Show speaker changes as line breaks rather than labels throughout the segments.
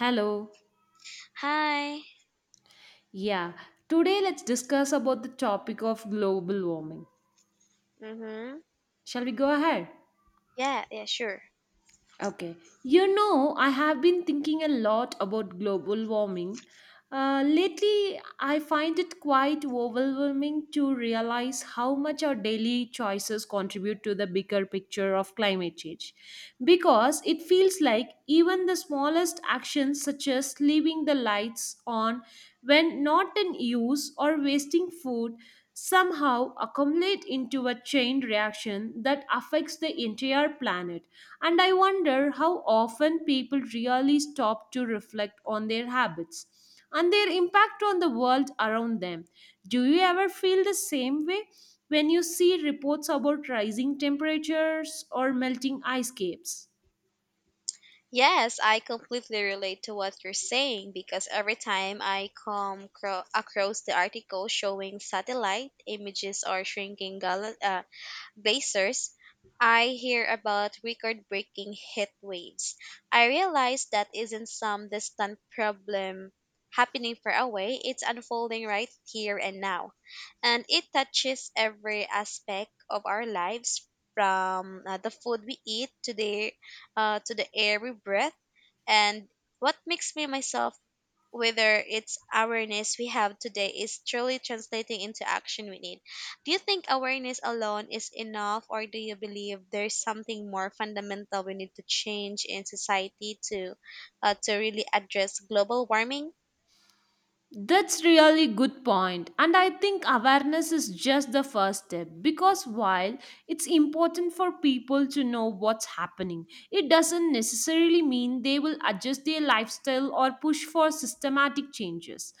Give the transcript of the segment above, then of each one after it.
Hello.
Hi.
Yeah, today let's discuss about the topic of global warming.
Mhm.
Shall we go ahead?
Yeah, yeah, sure.
Okay. You know, I have been thinking a lot about global warming. Lately, I find it quite overwhelming to realize how much our daily choices contribute to the bigger picture of climate change. Because it feels like even the smallest actions, such as leaving the lights on when not in use or wasting food, somehow accumulate into a chain reaction that affects the entire planet. And I wonder how often people really stop to reflect on their habits and their impact on the world around them. Do you ever feel the same way when you see reports about rising temperatures or melting ice caps?
Yes, I completely relate to what you're saying because every time I across the article showing satellite images or shrinking blazers, I hear about record breaking heat waves. I realize that isn't some distant problem happening far away, it's unfolding right here and now. And it touches every aspect of our lives from the food we eat to the air we breathe. And what makes me myself whether it's awareness we have today is truly translating into action we need. Do you think awareness alone is enough, or do you believe there's something more fundamental we need to change in society to really address global warming?
That's really good point, and I think awareness is just the first step, because while it's important for people to know what's happening, it doesn't necessarily mean they will adjust their lifestyle or push for systematic changes.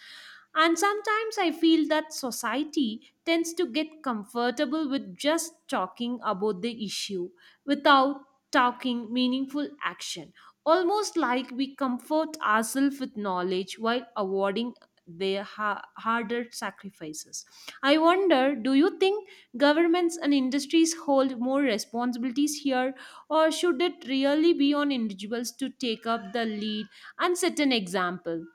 And sometimes I feel that society tends to get comfortable with just talking about the issue without talking meaningful action, almost like we comfort ourselves with knowledge while avoiding harder sacrifices. I wonder, do you think governments and industries hold more responsibilities here, or should it really be on individuals to take up the lead and set an example?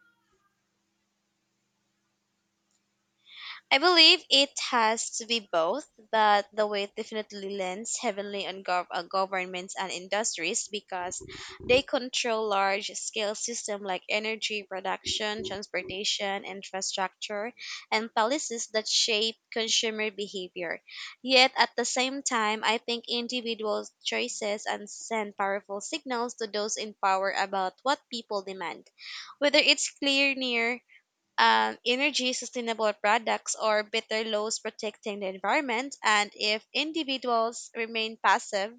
I believe it has to be both, but the weight definitely lands heavily on governments and industries because they control large scale systems like energy production, transportation, infrastructure, and policies that shape consumer behavior. Yet at the same time, I think individual choices and send powerful signals to those in power about what people demand, whether it's clear near energy sustainable products or better laws protecting the environment. And if individuals remain passive,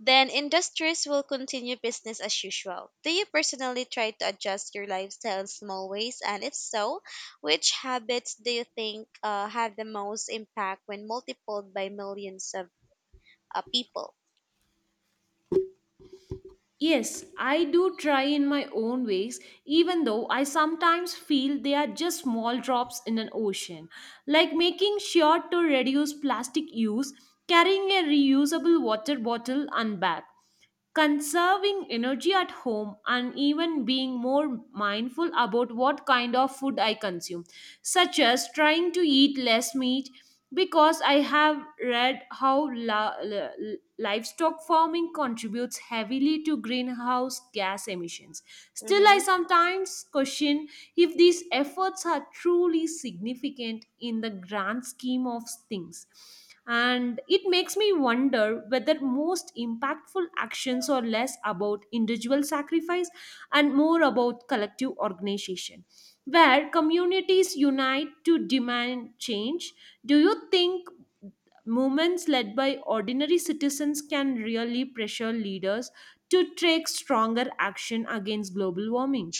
then industries will continue business as usual. Do you personally try to adjust your lifestyle in small ways? And if so, which habits do you think have the most impact when multiplied by millions of people?
Yes, I do try in my own ways, even though I sometimes feel they are just small drops in an ocean. Like making sure to reduce plastic use, carrying a reusable water bottle and bag, conserving energy at home, and even being more mindful about what kind of food I consume, such as trying to eat less meat because I have read how livestock farming contributes heavily to greenhouse gas emissions. Still, I
Mm-hmm.
sometimes question if these efforts are truly significant in the grand scheme of things, and it makes me wonder whether most impactful actions are less about individual sacrifice and more about collective organization, where communities unite to demand change. Do you think movements led by ordinary citizens can really pressure leaders to take stronger action against global warming?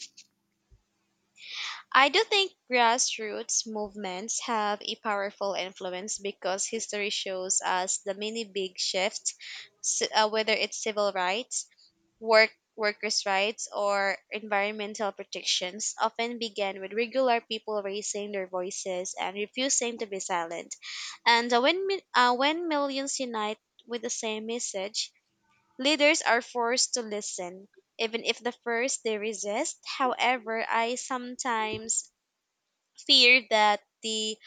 I do think grassroots movements have a powerful influence because history shows us the many big shifts, whether it's civil rights, workers' rights, or environmental protections, often began with regular people raising their voices and refusing to be silent. And when when millions unite with the same message, leaders are forced to listen. Even if the first they resist, however, I sometimes fear that the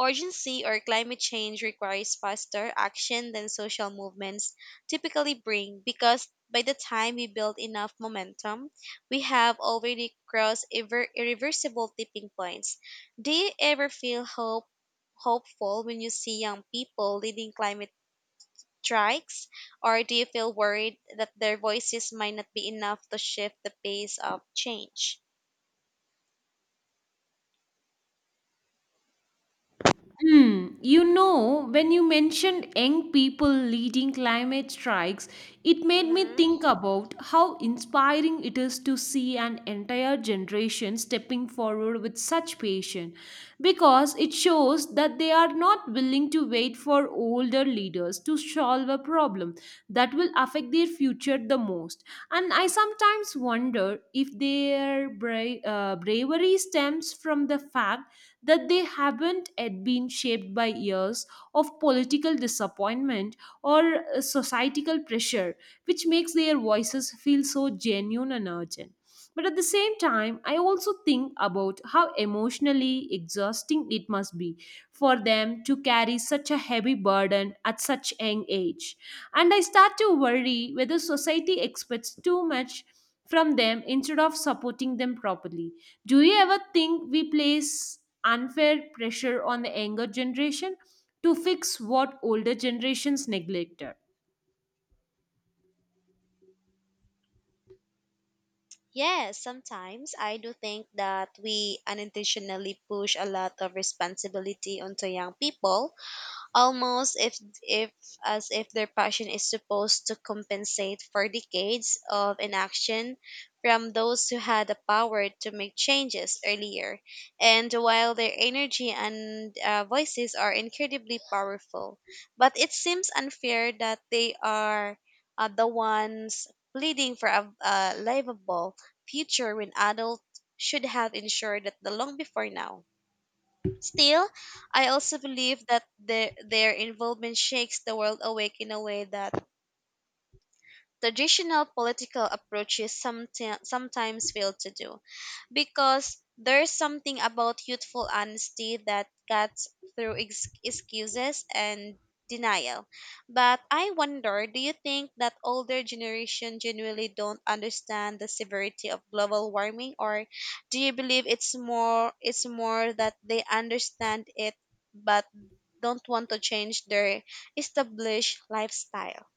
urgency or climate change requires faster action than social movements typically bring because by the time we build enough momentum, we have already crossed irreversible tipping points. Do you ever feel hope, hopeful when you see young people leading climate strikes, or do you feel worried that their voices might not be enough to shift the pace of change?
Hmm. You know, when you mentioned young people leading climate strikes, it made me
Mhm.
think about how inspiring it is to see an entire generation stepping forward with such passion, because it shows that they are not willing to wait for older leaders to solve a problem that will affect their future the most. And I sometimes wonder if their bravery stems from the fact that they haven't yet been shaped by years of political disappointment or societal pressure, which makes their voices feel so genuine and urgent. But at the same time, I also think about how emotionally exhausting it must be for them to carry such a heavy burden at such young age. And I start to worry whether society expects too much from them instead of supporting them properly. Do you ever think we place unfair pressure on the younger generation to fix what older generations neglected?
Yes, sometimes I do think that we unintentionally push a lot of responsibility onto young people almost if as if their passion is supposed to compensate for decades of inaction from those who had the power to make changes earlier. And while their energy and voices are incredibly powerful, but it seems unfair that they are the ones pleading for a livable future when adults should have ensured that the long before now. Still, I also believe that their involvement shakes the world awake in a way that traditional political approaches sometimes fail to do. Because there's something about youthful honesty that cuts through excuses and denial. But I wonder, do you think that older generation genuinely don't understand the severity of global warming, or do you believe it's more that they understand it but don't want to change their established lifestyle?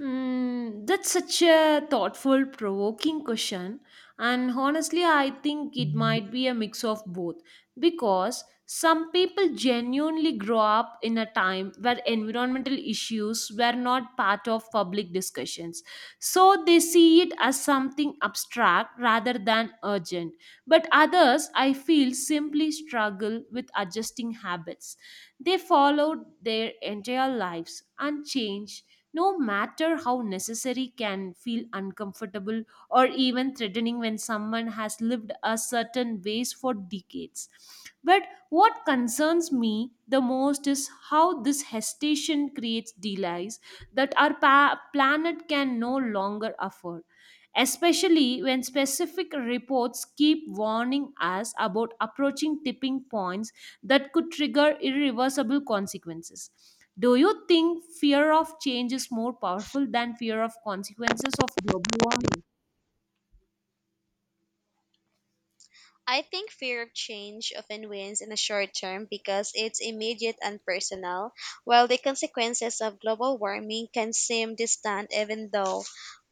Mm, that's such a thoughtful, provoking question. And honestly, I think it might be a mix of both because some people genuinely grow up in a time where environmental issues were not part of public discussions. So they see it as something abstract rather than urgent. But others, I feel, simply struggle with adjusting habits. They followed their entire lives, and change, no matter how necessary, can feel uncomfortable or even threatening when someone has lived a certain ways for decades. But what concerns me the most is how this hesitation creates delays that our planet can no longer afford, especially when specific reports keep warning us about approaching tipping points that could trigger irreversible consequences. Do you think fear of change is more powerful than fear of consequences of global warming?
I think fear of change often wins in the short term because it's immediate and personal, while the consequences of global warming can seem distant even though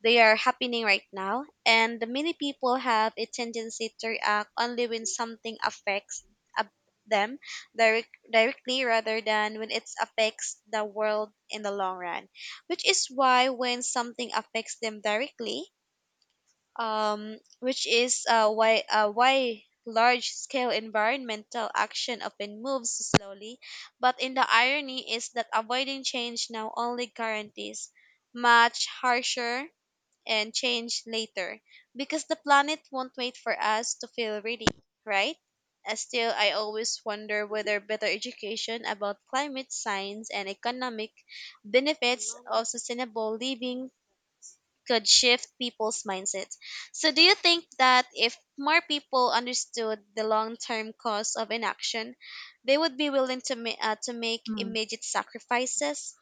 they are happening right now. And many people have a tendency to react only when something affects ab- them directly rather than when it affects the world in the long run, which is why when something affects them directly, which is why large scale environmental action often moves slowly. But in the irony is that avoiding change now only guarantees much harsher and change later because the planet won't wait for us to feel ready, right? Still, I always wonder whether better education about climate science and economic benefits of sustainable living could shift people's mindsets. So, do you think that if more people understood the long term cost of inaction, they would be willing to, to make
Hmm.
immediate sacrifices?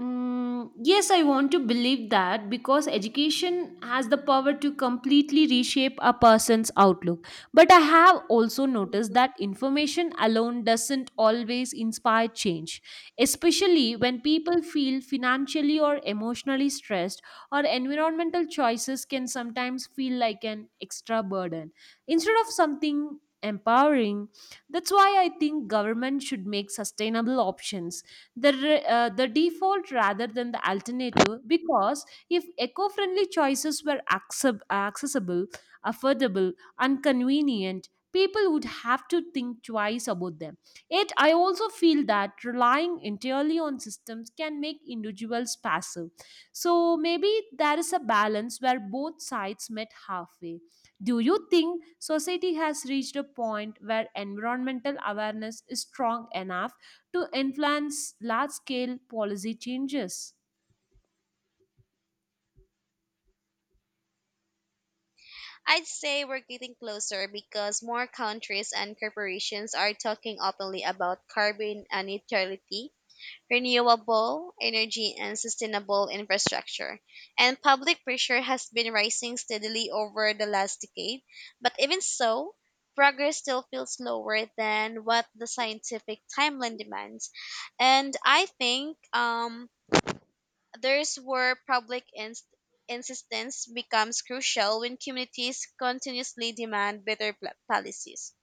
Mm, yes, I want to believe that because education has the power to completely reshape a person's outlook. But I have also noticed that
Mhm.
information alone doesn't always inspire change, especially when people feel financially or emotionally stressed, or environmental choices can sometimes feel like an extra burden instead of something empowering. That's why I think government should make sustainable options the default rather than the alternative, because if eco-friendly choices were accessible, affordable, and convenient, people would have to think twice about them. Yet I also feel that relying entirely on systems can make individuals passive, so maybe there is a balance where both sides met halfway. Do you think society has reached a point where environmental awareness is strong enough to influence large scale policy changes?
I'd say we're getting closer because more countries and corporations are talking openly about carbon neutrality, renewable energy and sustainable infrastructure. And public pressure has been rising steadily over the last decade, but even so, progress still feels slower than what the scientific timeline demands. And I think there's where public insistence becomes crucial. When communities continuously demand better policies,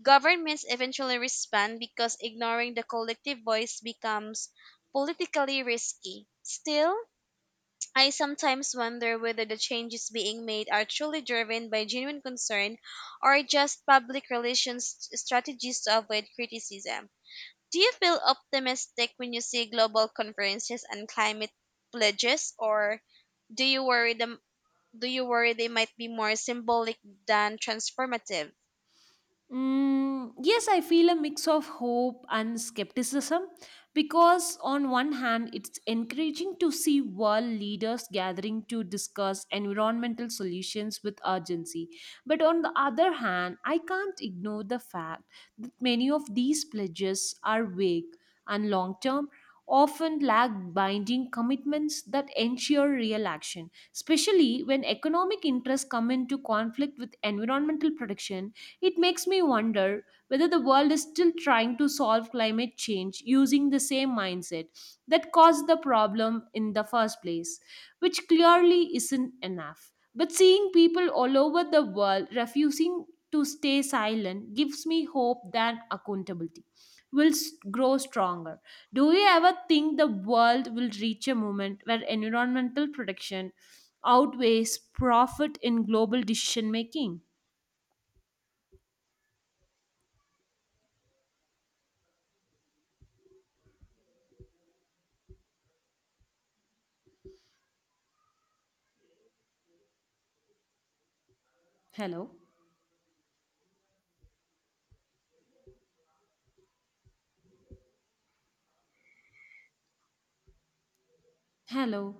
governments eventually respond because ignoring the collective voice becomes politically risky. Still, I sometimes wonder whether the changes being made are truly driven by genuine concern or just public relations strategies to avoid criticism. Do you feel optimistic when you see global conferences and climate pledges, or do you worry them do you worry they might be more symbolic than transformative?
Mm, yes, I feel a mix of hope and skepticism because, on one hand, it's encouraging to see world leaders gathering to discuss environmental solutions with urgency. But on the other hand, I can't ignore the fact that many of these pledges are vague and long term, often lack binding commitments that ensure real action, especially when economic interests come into conflict with environmental protection. It makes me wonder whether the world is still trying to solve climate change using the same mindset that caused the problem in the first place, which clearly isn't enough. But seeing people all over the world refusing to stay silent gives me hope that accountability will grow stronger. Do you ever think the world will reach a moment where environmental protection outweighs profit in global decision making? Hello. Hello.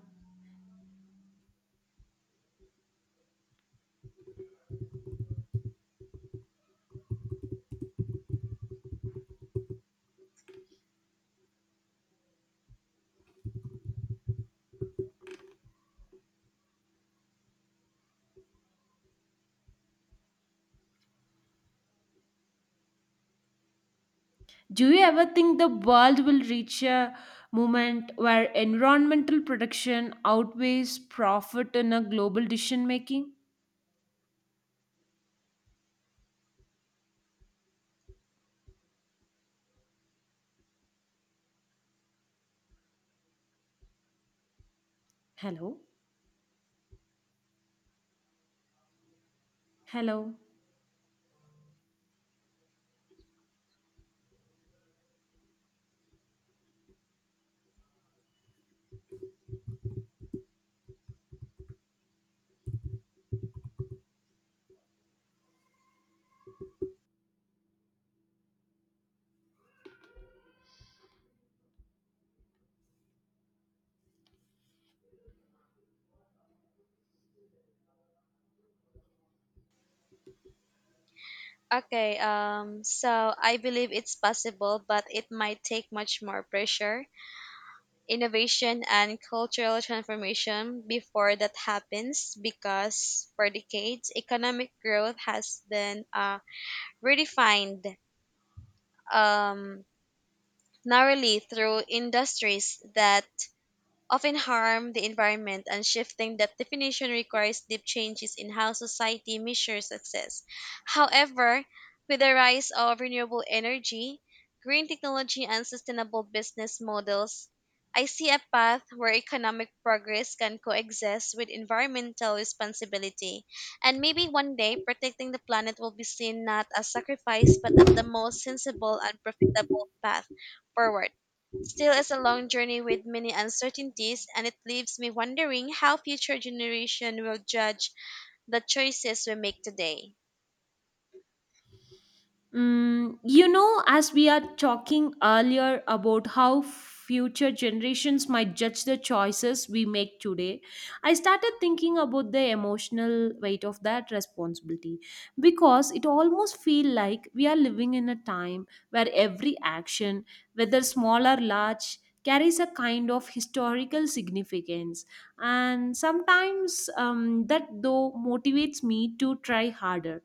Do you ever think the world will reach a moment where environmental production outweighs profit in a global decision making? Hello. Hello.
Okay, so I believe it's possible, but it might take much more pressure, innovation, and cultural transformation before that happens because for decades, economic growth has been redefined um, narrowly through industries that often harm the environment, and shifting that definition requires deep changes in how society measures success. However, with the rise of renewable energy, green technology, and sustainable business models, I see a path where economic progress can coexist with environmental responsibility. And maybe one day, protecting the planet will be seen not as sacrifice, but as the most sensible and profitable path forward. Still, it's a long journey with many uncertainties, and it leaves me wondering how future generation will judge the choices we make today.
Mm, you know, as we are talking earlier about how future generations might judge the choices we make today, I started thinking about the emotional weight of that responsibility, because it almost feel like we are living in a time where every action, whether small or large, carries a kind of historical significance. And sometimes that though motivates me to try harder,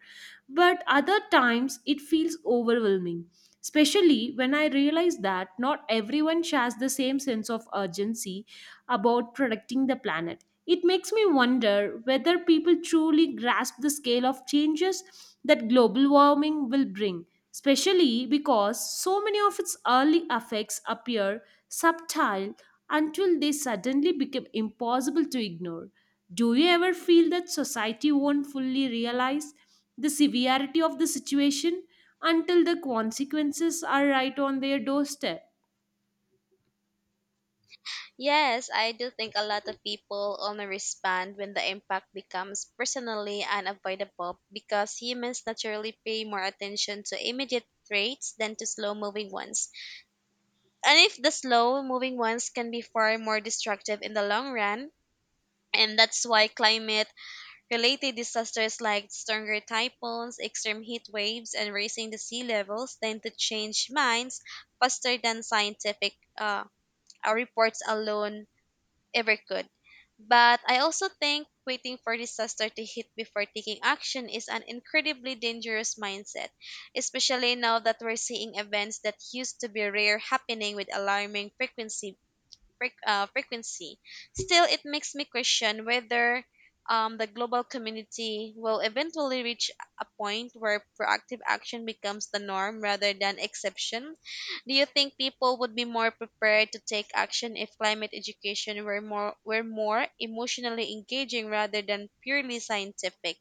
but other times it feels overwhelming, especially when I realize that not everyone shares the same sense of urgency about protecting the planet. It makes me wonder whether people truly grasp the scale of changes that global warming will bring, especially because so many of its early effects appear subtle until they suddenly become impossible to ignore. Do you ever feel that society won't fully realize the severity of the situation until the consequences are right on their doorstep?
Yes, I do think a lot of people only respond when the impact becomes personally unavoidable because humans naturally pay more attention to immediate traits than to slow moving ones. And if the slow moving ones can be far more destructive in the long run, and that's why climate related disasters like stronger typhoons, extreme heat waves, and raising the sea levels tend to change minds faster than scientific uh, reports alone ever could. But I also think waiting for disaster to hit before taking action is an incredibly dangerous mindset, especially now that we're seeing events that used to be rare happening with alarming frequency, frequency. Still, it makes me question whether the global community will eventually reach a point where proactive action becomes the norm rather than exception. Do you think people would be more prepared to take action if climate education were more emotionally engaging rather than purely scientific?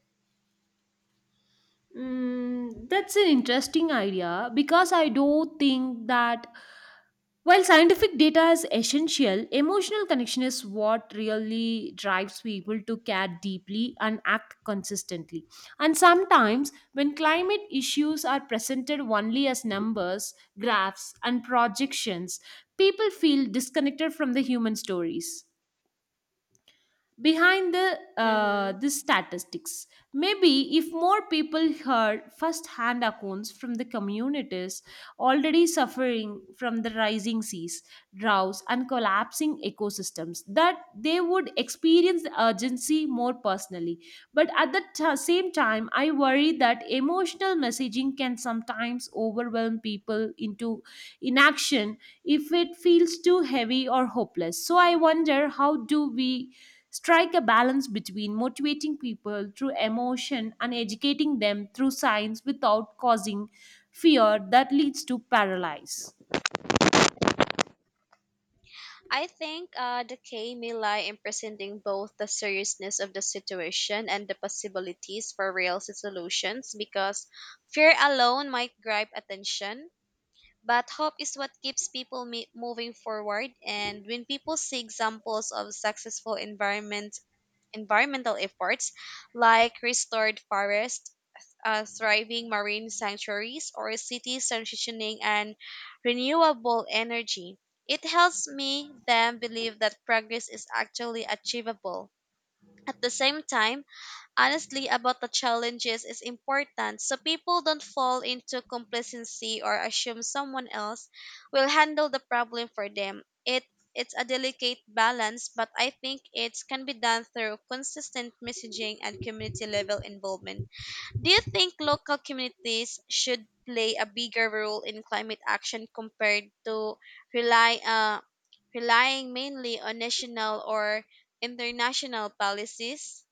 Mm, that's an interesting idea because I do think that while scientific data is essential, emotional connection is what really drives people to care deeply and act consistently. And sometimes, when climate issues are presented only as numbers, graphs, and projections, people feel disconnected from the human stories behind
Mm-hmm.
the statistics. Maybe if more people heard first hand accounts from the communities already suffering from the rising seas, droughts, and collapsing ecosystems, that they would experience the urgency more personally. But at the same time, I worry that emotional messaging can sometimes overwhelm people into inaction if it feels too heavy or hopeless. So I wonder, how do we strike a balance between motivating people through emotion and educating them through science without causing fear that leads to paralysis?
I think the key may lie in presenting both the seriousness of the situation and the possibilities for real solutions because fear alone might grab attention. But hope is what keeps people moving forward. And when people see examples of successful environmental efforts like restored forests, thriving marine sanctuaries, or cities transitioning and renewable energy. It helps me then believe that progress is actually achievable. At the same time, honestly about the challenges is important so people don't fall into complacency or assume someone else will handle the problem for them. It's a delicate balance, but I think it can be done through consistent messaging and community level involvement. Do you think local communities should play a bigger role in climate action compared to rely uh, relying mainly on national or international policies?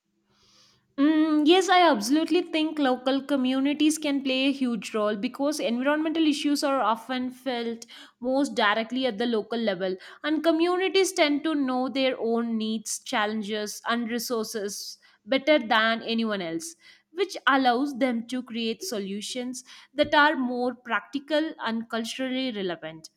Mm, yes, I absolutely think local communities can play a huge role because environmental issues are often felt most directly at the local level, and communities tend to know their own needs, challenges, and resources better than anyone else, which allows them to create solutions that are more practical and culturally relevant.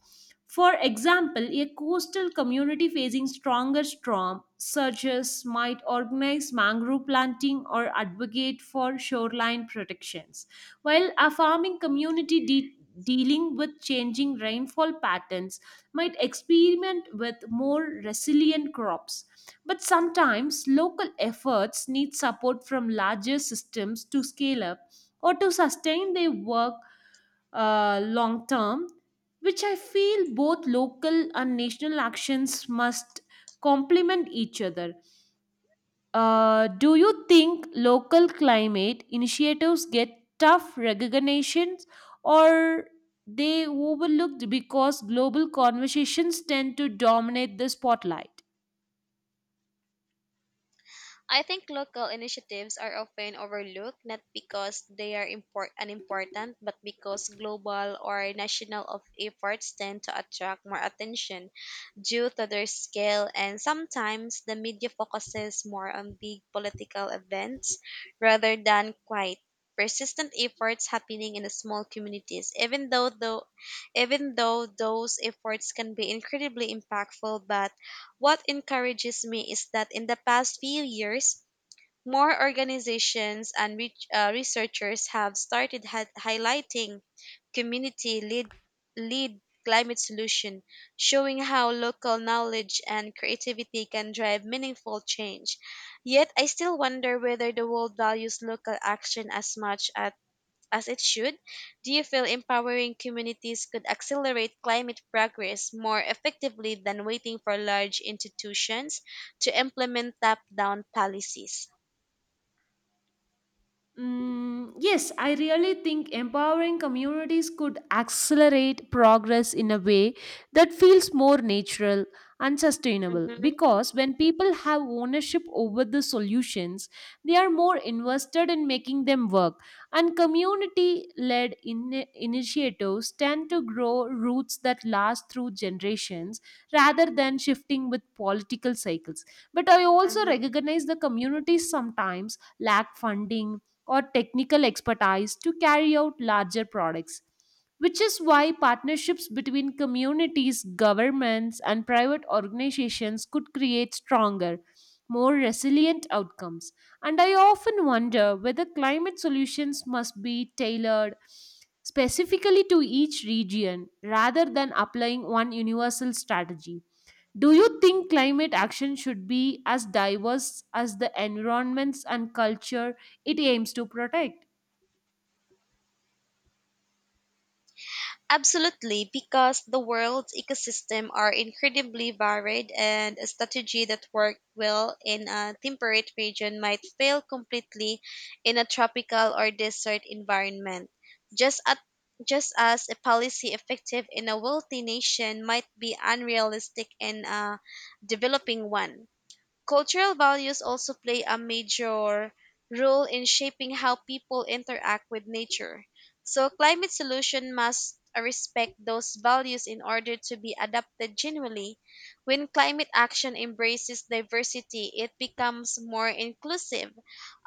For example, a coastal community facing stronger storm surges might organize mangrove planting or advocate for shoreline protections, while a farming community dealing with changing rainfall patterns might experiment with more resilient crops. But sometimes local efforts need support from larger systems to scale up or to sustain their work long term, which I feel both local and national actions must complement each other. Do you think local climate initiatives get tough recognitions, or they overlooked because global conversations tend to dominate the spotlight?
I think local initiatives are often overlooked not because they are unimportant, but because global or national of efforts tend to attract more attention due to their scale, and sometimes the media focuses more on big political events rather than quite persistent efforts happening in the small communities, even though those efforts can be incredibly impactful. But what encourages me is that in the past few years, more organizations and researchers have started highlighting community lead climate solution, showing how local knowledge and creativity can drive meaningful change. Yet I still wonder whether the world values local action as much as it should. Do you feel empowering communities could accelerate climate progress more effectively than waiting for large institutions to implement top down policies?
Mm, yes, I really think empowering communities could accelerate progress in a way that feels more natural and sustainable, because when people have ownership over the solutions, they are more invested in making them work. And community led initiatives tend to grow roots that last through generations rather than shifting with political cycles. But I also
Hmm.
recognize the communities sometimes lack funding or technical expertise to carry out larger products, which is why partnerships between communities, governments, and private organizations could create stronger, more resilient outcomes. And I often wonder whether climate solutions must be tailored specifically to each region rather than applying one universal strategy. Do you think climate action should be as diverse as the environments and culture it aims to protect?
Absolutely, because the world's ecosystems are incredibly varied, and a strategy that worked well in a temperate region might fail completely in a tropical or desert environment. Just at just as a policy effective in a wealthy nation might be unrealistic in a developing one. Cultural values also play a major role in shaping how people interact with nature. So climate solution must respect those values in order to be adapted genuinely. When climate action embraces diversity, it becomes more inclusive,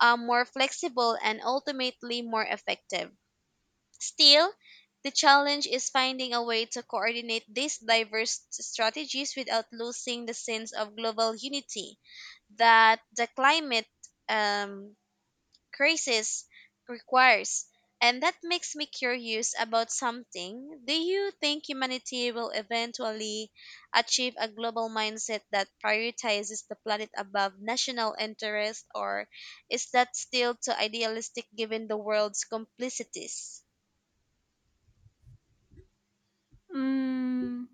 more flexible, and ultimately more effective. Still, the challenge is finding a way to coordinate these diverse strategies without losing the sense of global unity that the climate um, crisis requires. And that makes me curious about something. Do you think humanity will eventually achieve a global mindset that prioritizes the planet above national interest, or is that still too idealistic given the world's complicities?
Mm.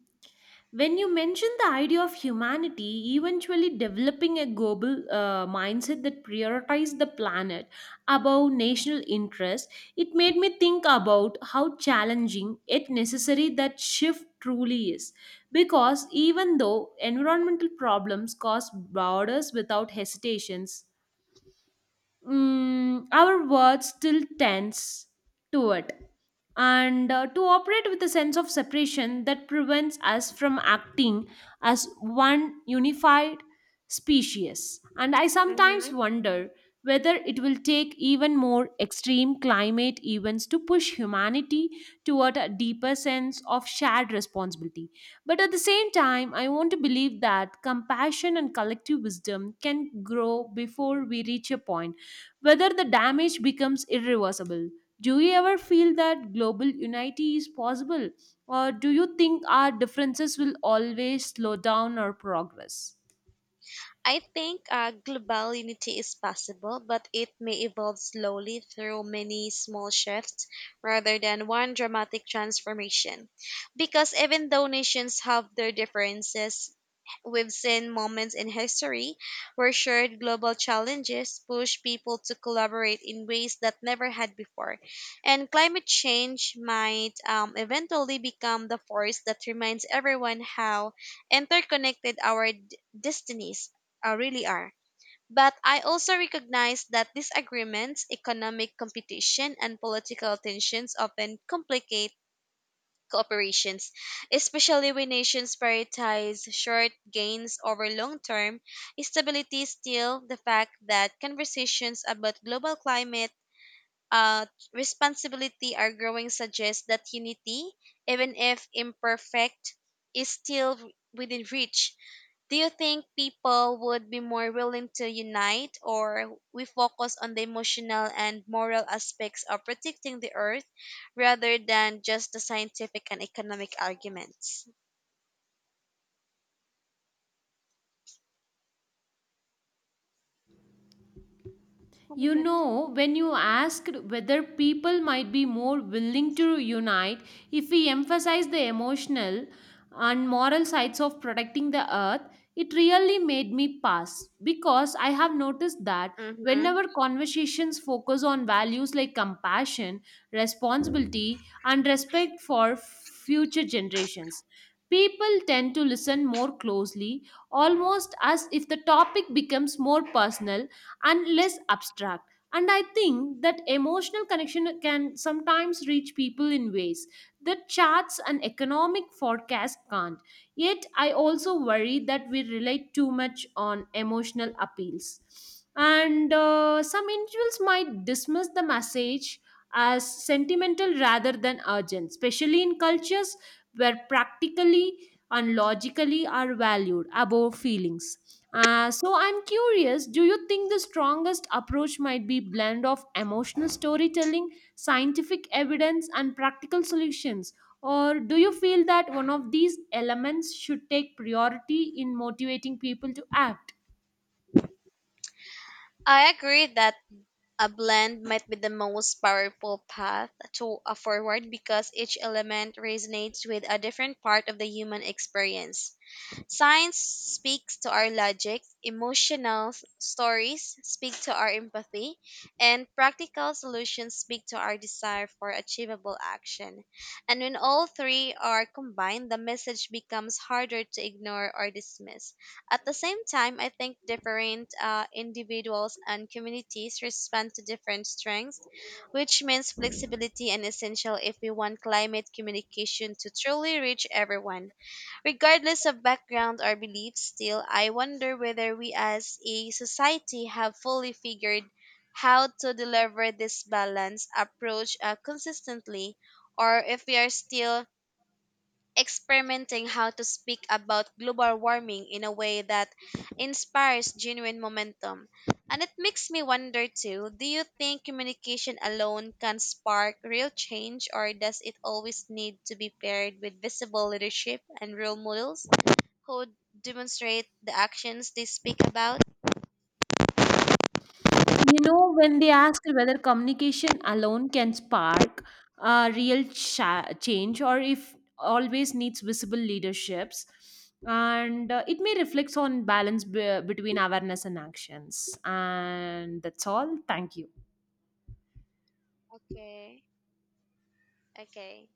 When you mention the idea of humanity eventually developing a global mindset that prioritizes the planet above national interest, it made me think about how challenging yet necessary that shift truly is. Because even though environmental problems cause borders without hesitations, our words still tense to it and to operate with a sense of separation that prevents us from acting as one unified species. And I sometimes
Hmm.
wonder whether it will take even more extreme climate events to push humanity toward a deeper sense of shared responsibility. But at the same time, I want to believe that compassion and collective wisdom can grow before we reach a point whether the damage becomes irreversible. Do you ever feel that global unity is possible, or do you think our differences will always slow down our progress?
I think global unity is possible, but it may evolve slowly through many small shifts rather than one dramatic transformation. Because even though nations have their differences, we've seen moments in history where shared global challenges push people to collaborate in ways that never had before. And climate change might eventually become the force that reminds everyone how interconnected our destinies really are. But I also recognize that disagreements, economic competition, and political tensions often complicate cooperations, especially when nations prioritize short gains over long term stability. Still, the fact that conversations about global climate uh, responsibility are growing suggests that unity, even if imperfect, is still within reach. Do you think people would be more willing to unite or we focus on the emotional and moral aspects of protecting the earth rather than just the scientific and economic arguments? Oh my
You
god.
know, when you asked whether people might be more willing to unite if we emphasize the emotional and moral sides of protecting the earth, it really made me pass, because I have noticed that
Hmm.
whenever conversations focus on values like compassion, responsibility, and respect for future generations, people tend to listen more closely, almost as if the topic becomes more personal and less abstract. And I think that emotional connection can sometimes reach people in ways that charts and economic forecasts can't. Yet, I also worry that we relate too much on emotional appeals. And some individuals might dismiss the message as sentimental rather than urgent, especially in cultures where practically and logically are valued above feelings. So I'm curious, do you think the strongest approach might be blend of emotional storytelling, scientific evidence, and practical solutions, or do you feel that one of these elements should take priority in motivating people to act?
I agree that a blend might be the most powerful path to a forward because each element resonates with a different part of the human experience. Science speaks to our logic, emotional stories speak to our empathy, and practical solutions speak to our desire for achievable action. And when all three are combined, the message becomes harder to ignore or dismiss. At the same time, I think different individuals and communities respond to different strengths, which means flexibility and essential if we want climate communication to truly reach everyone. Regardless of background or beliefs, still, I wonder whether we as a society have fully figured how to deliver this balanced approach consistently, or if we are still experimenting how to speak about global warming in a way that inspires genuine momentum. And it makes me wonder too, do you think communication alone can spark real change, or does it always need to be paired with visible leadership and role models who demonstrate the actions they speak about?
You know, when they asked whether communication alone can spark real change or if always needs visible leaderships, and it may reflect on balance between awareness and actions. And that's all. Thank you.
Okay. Okay.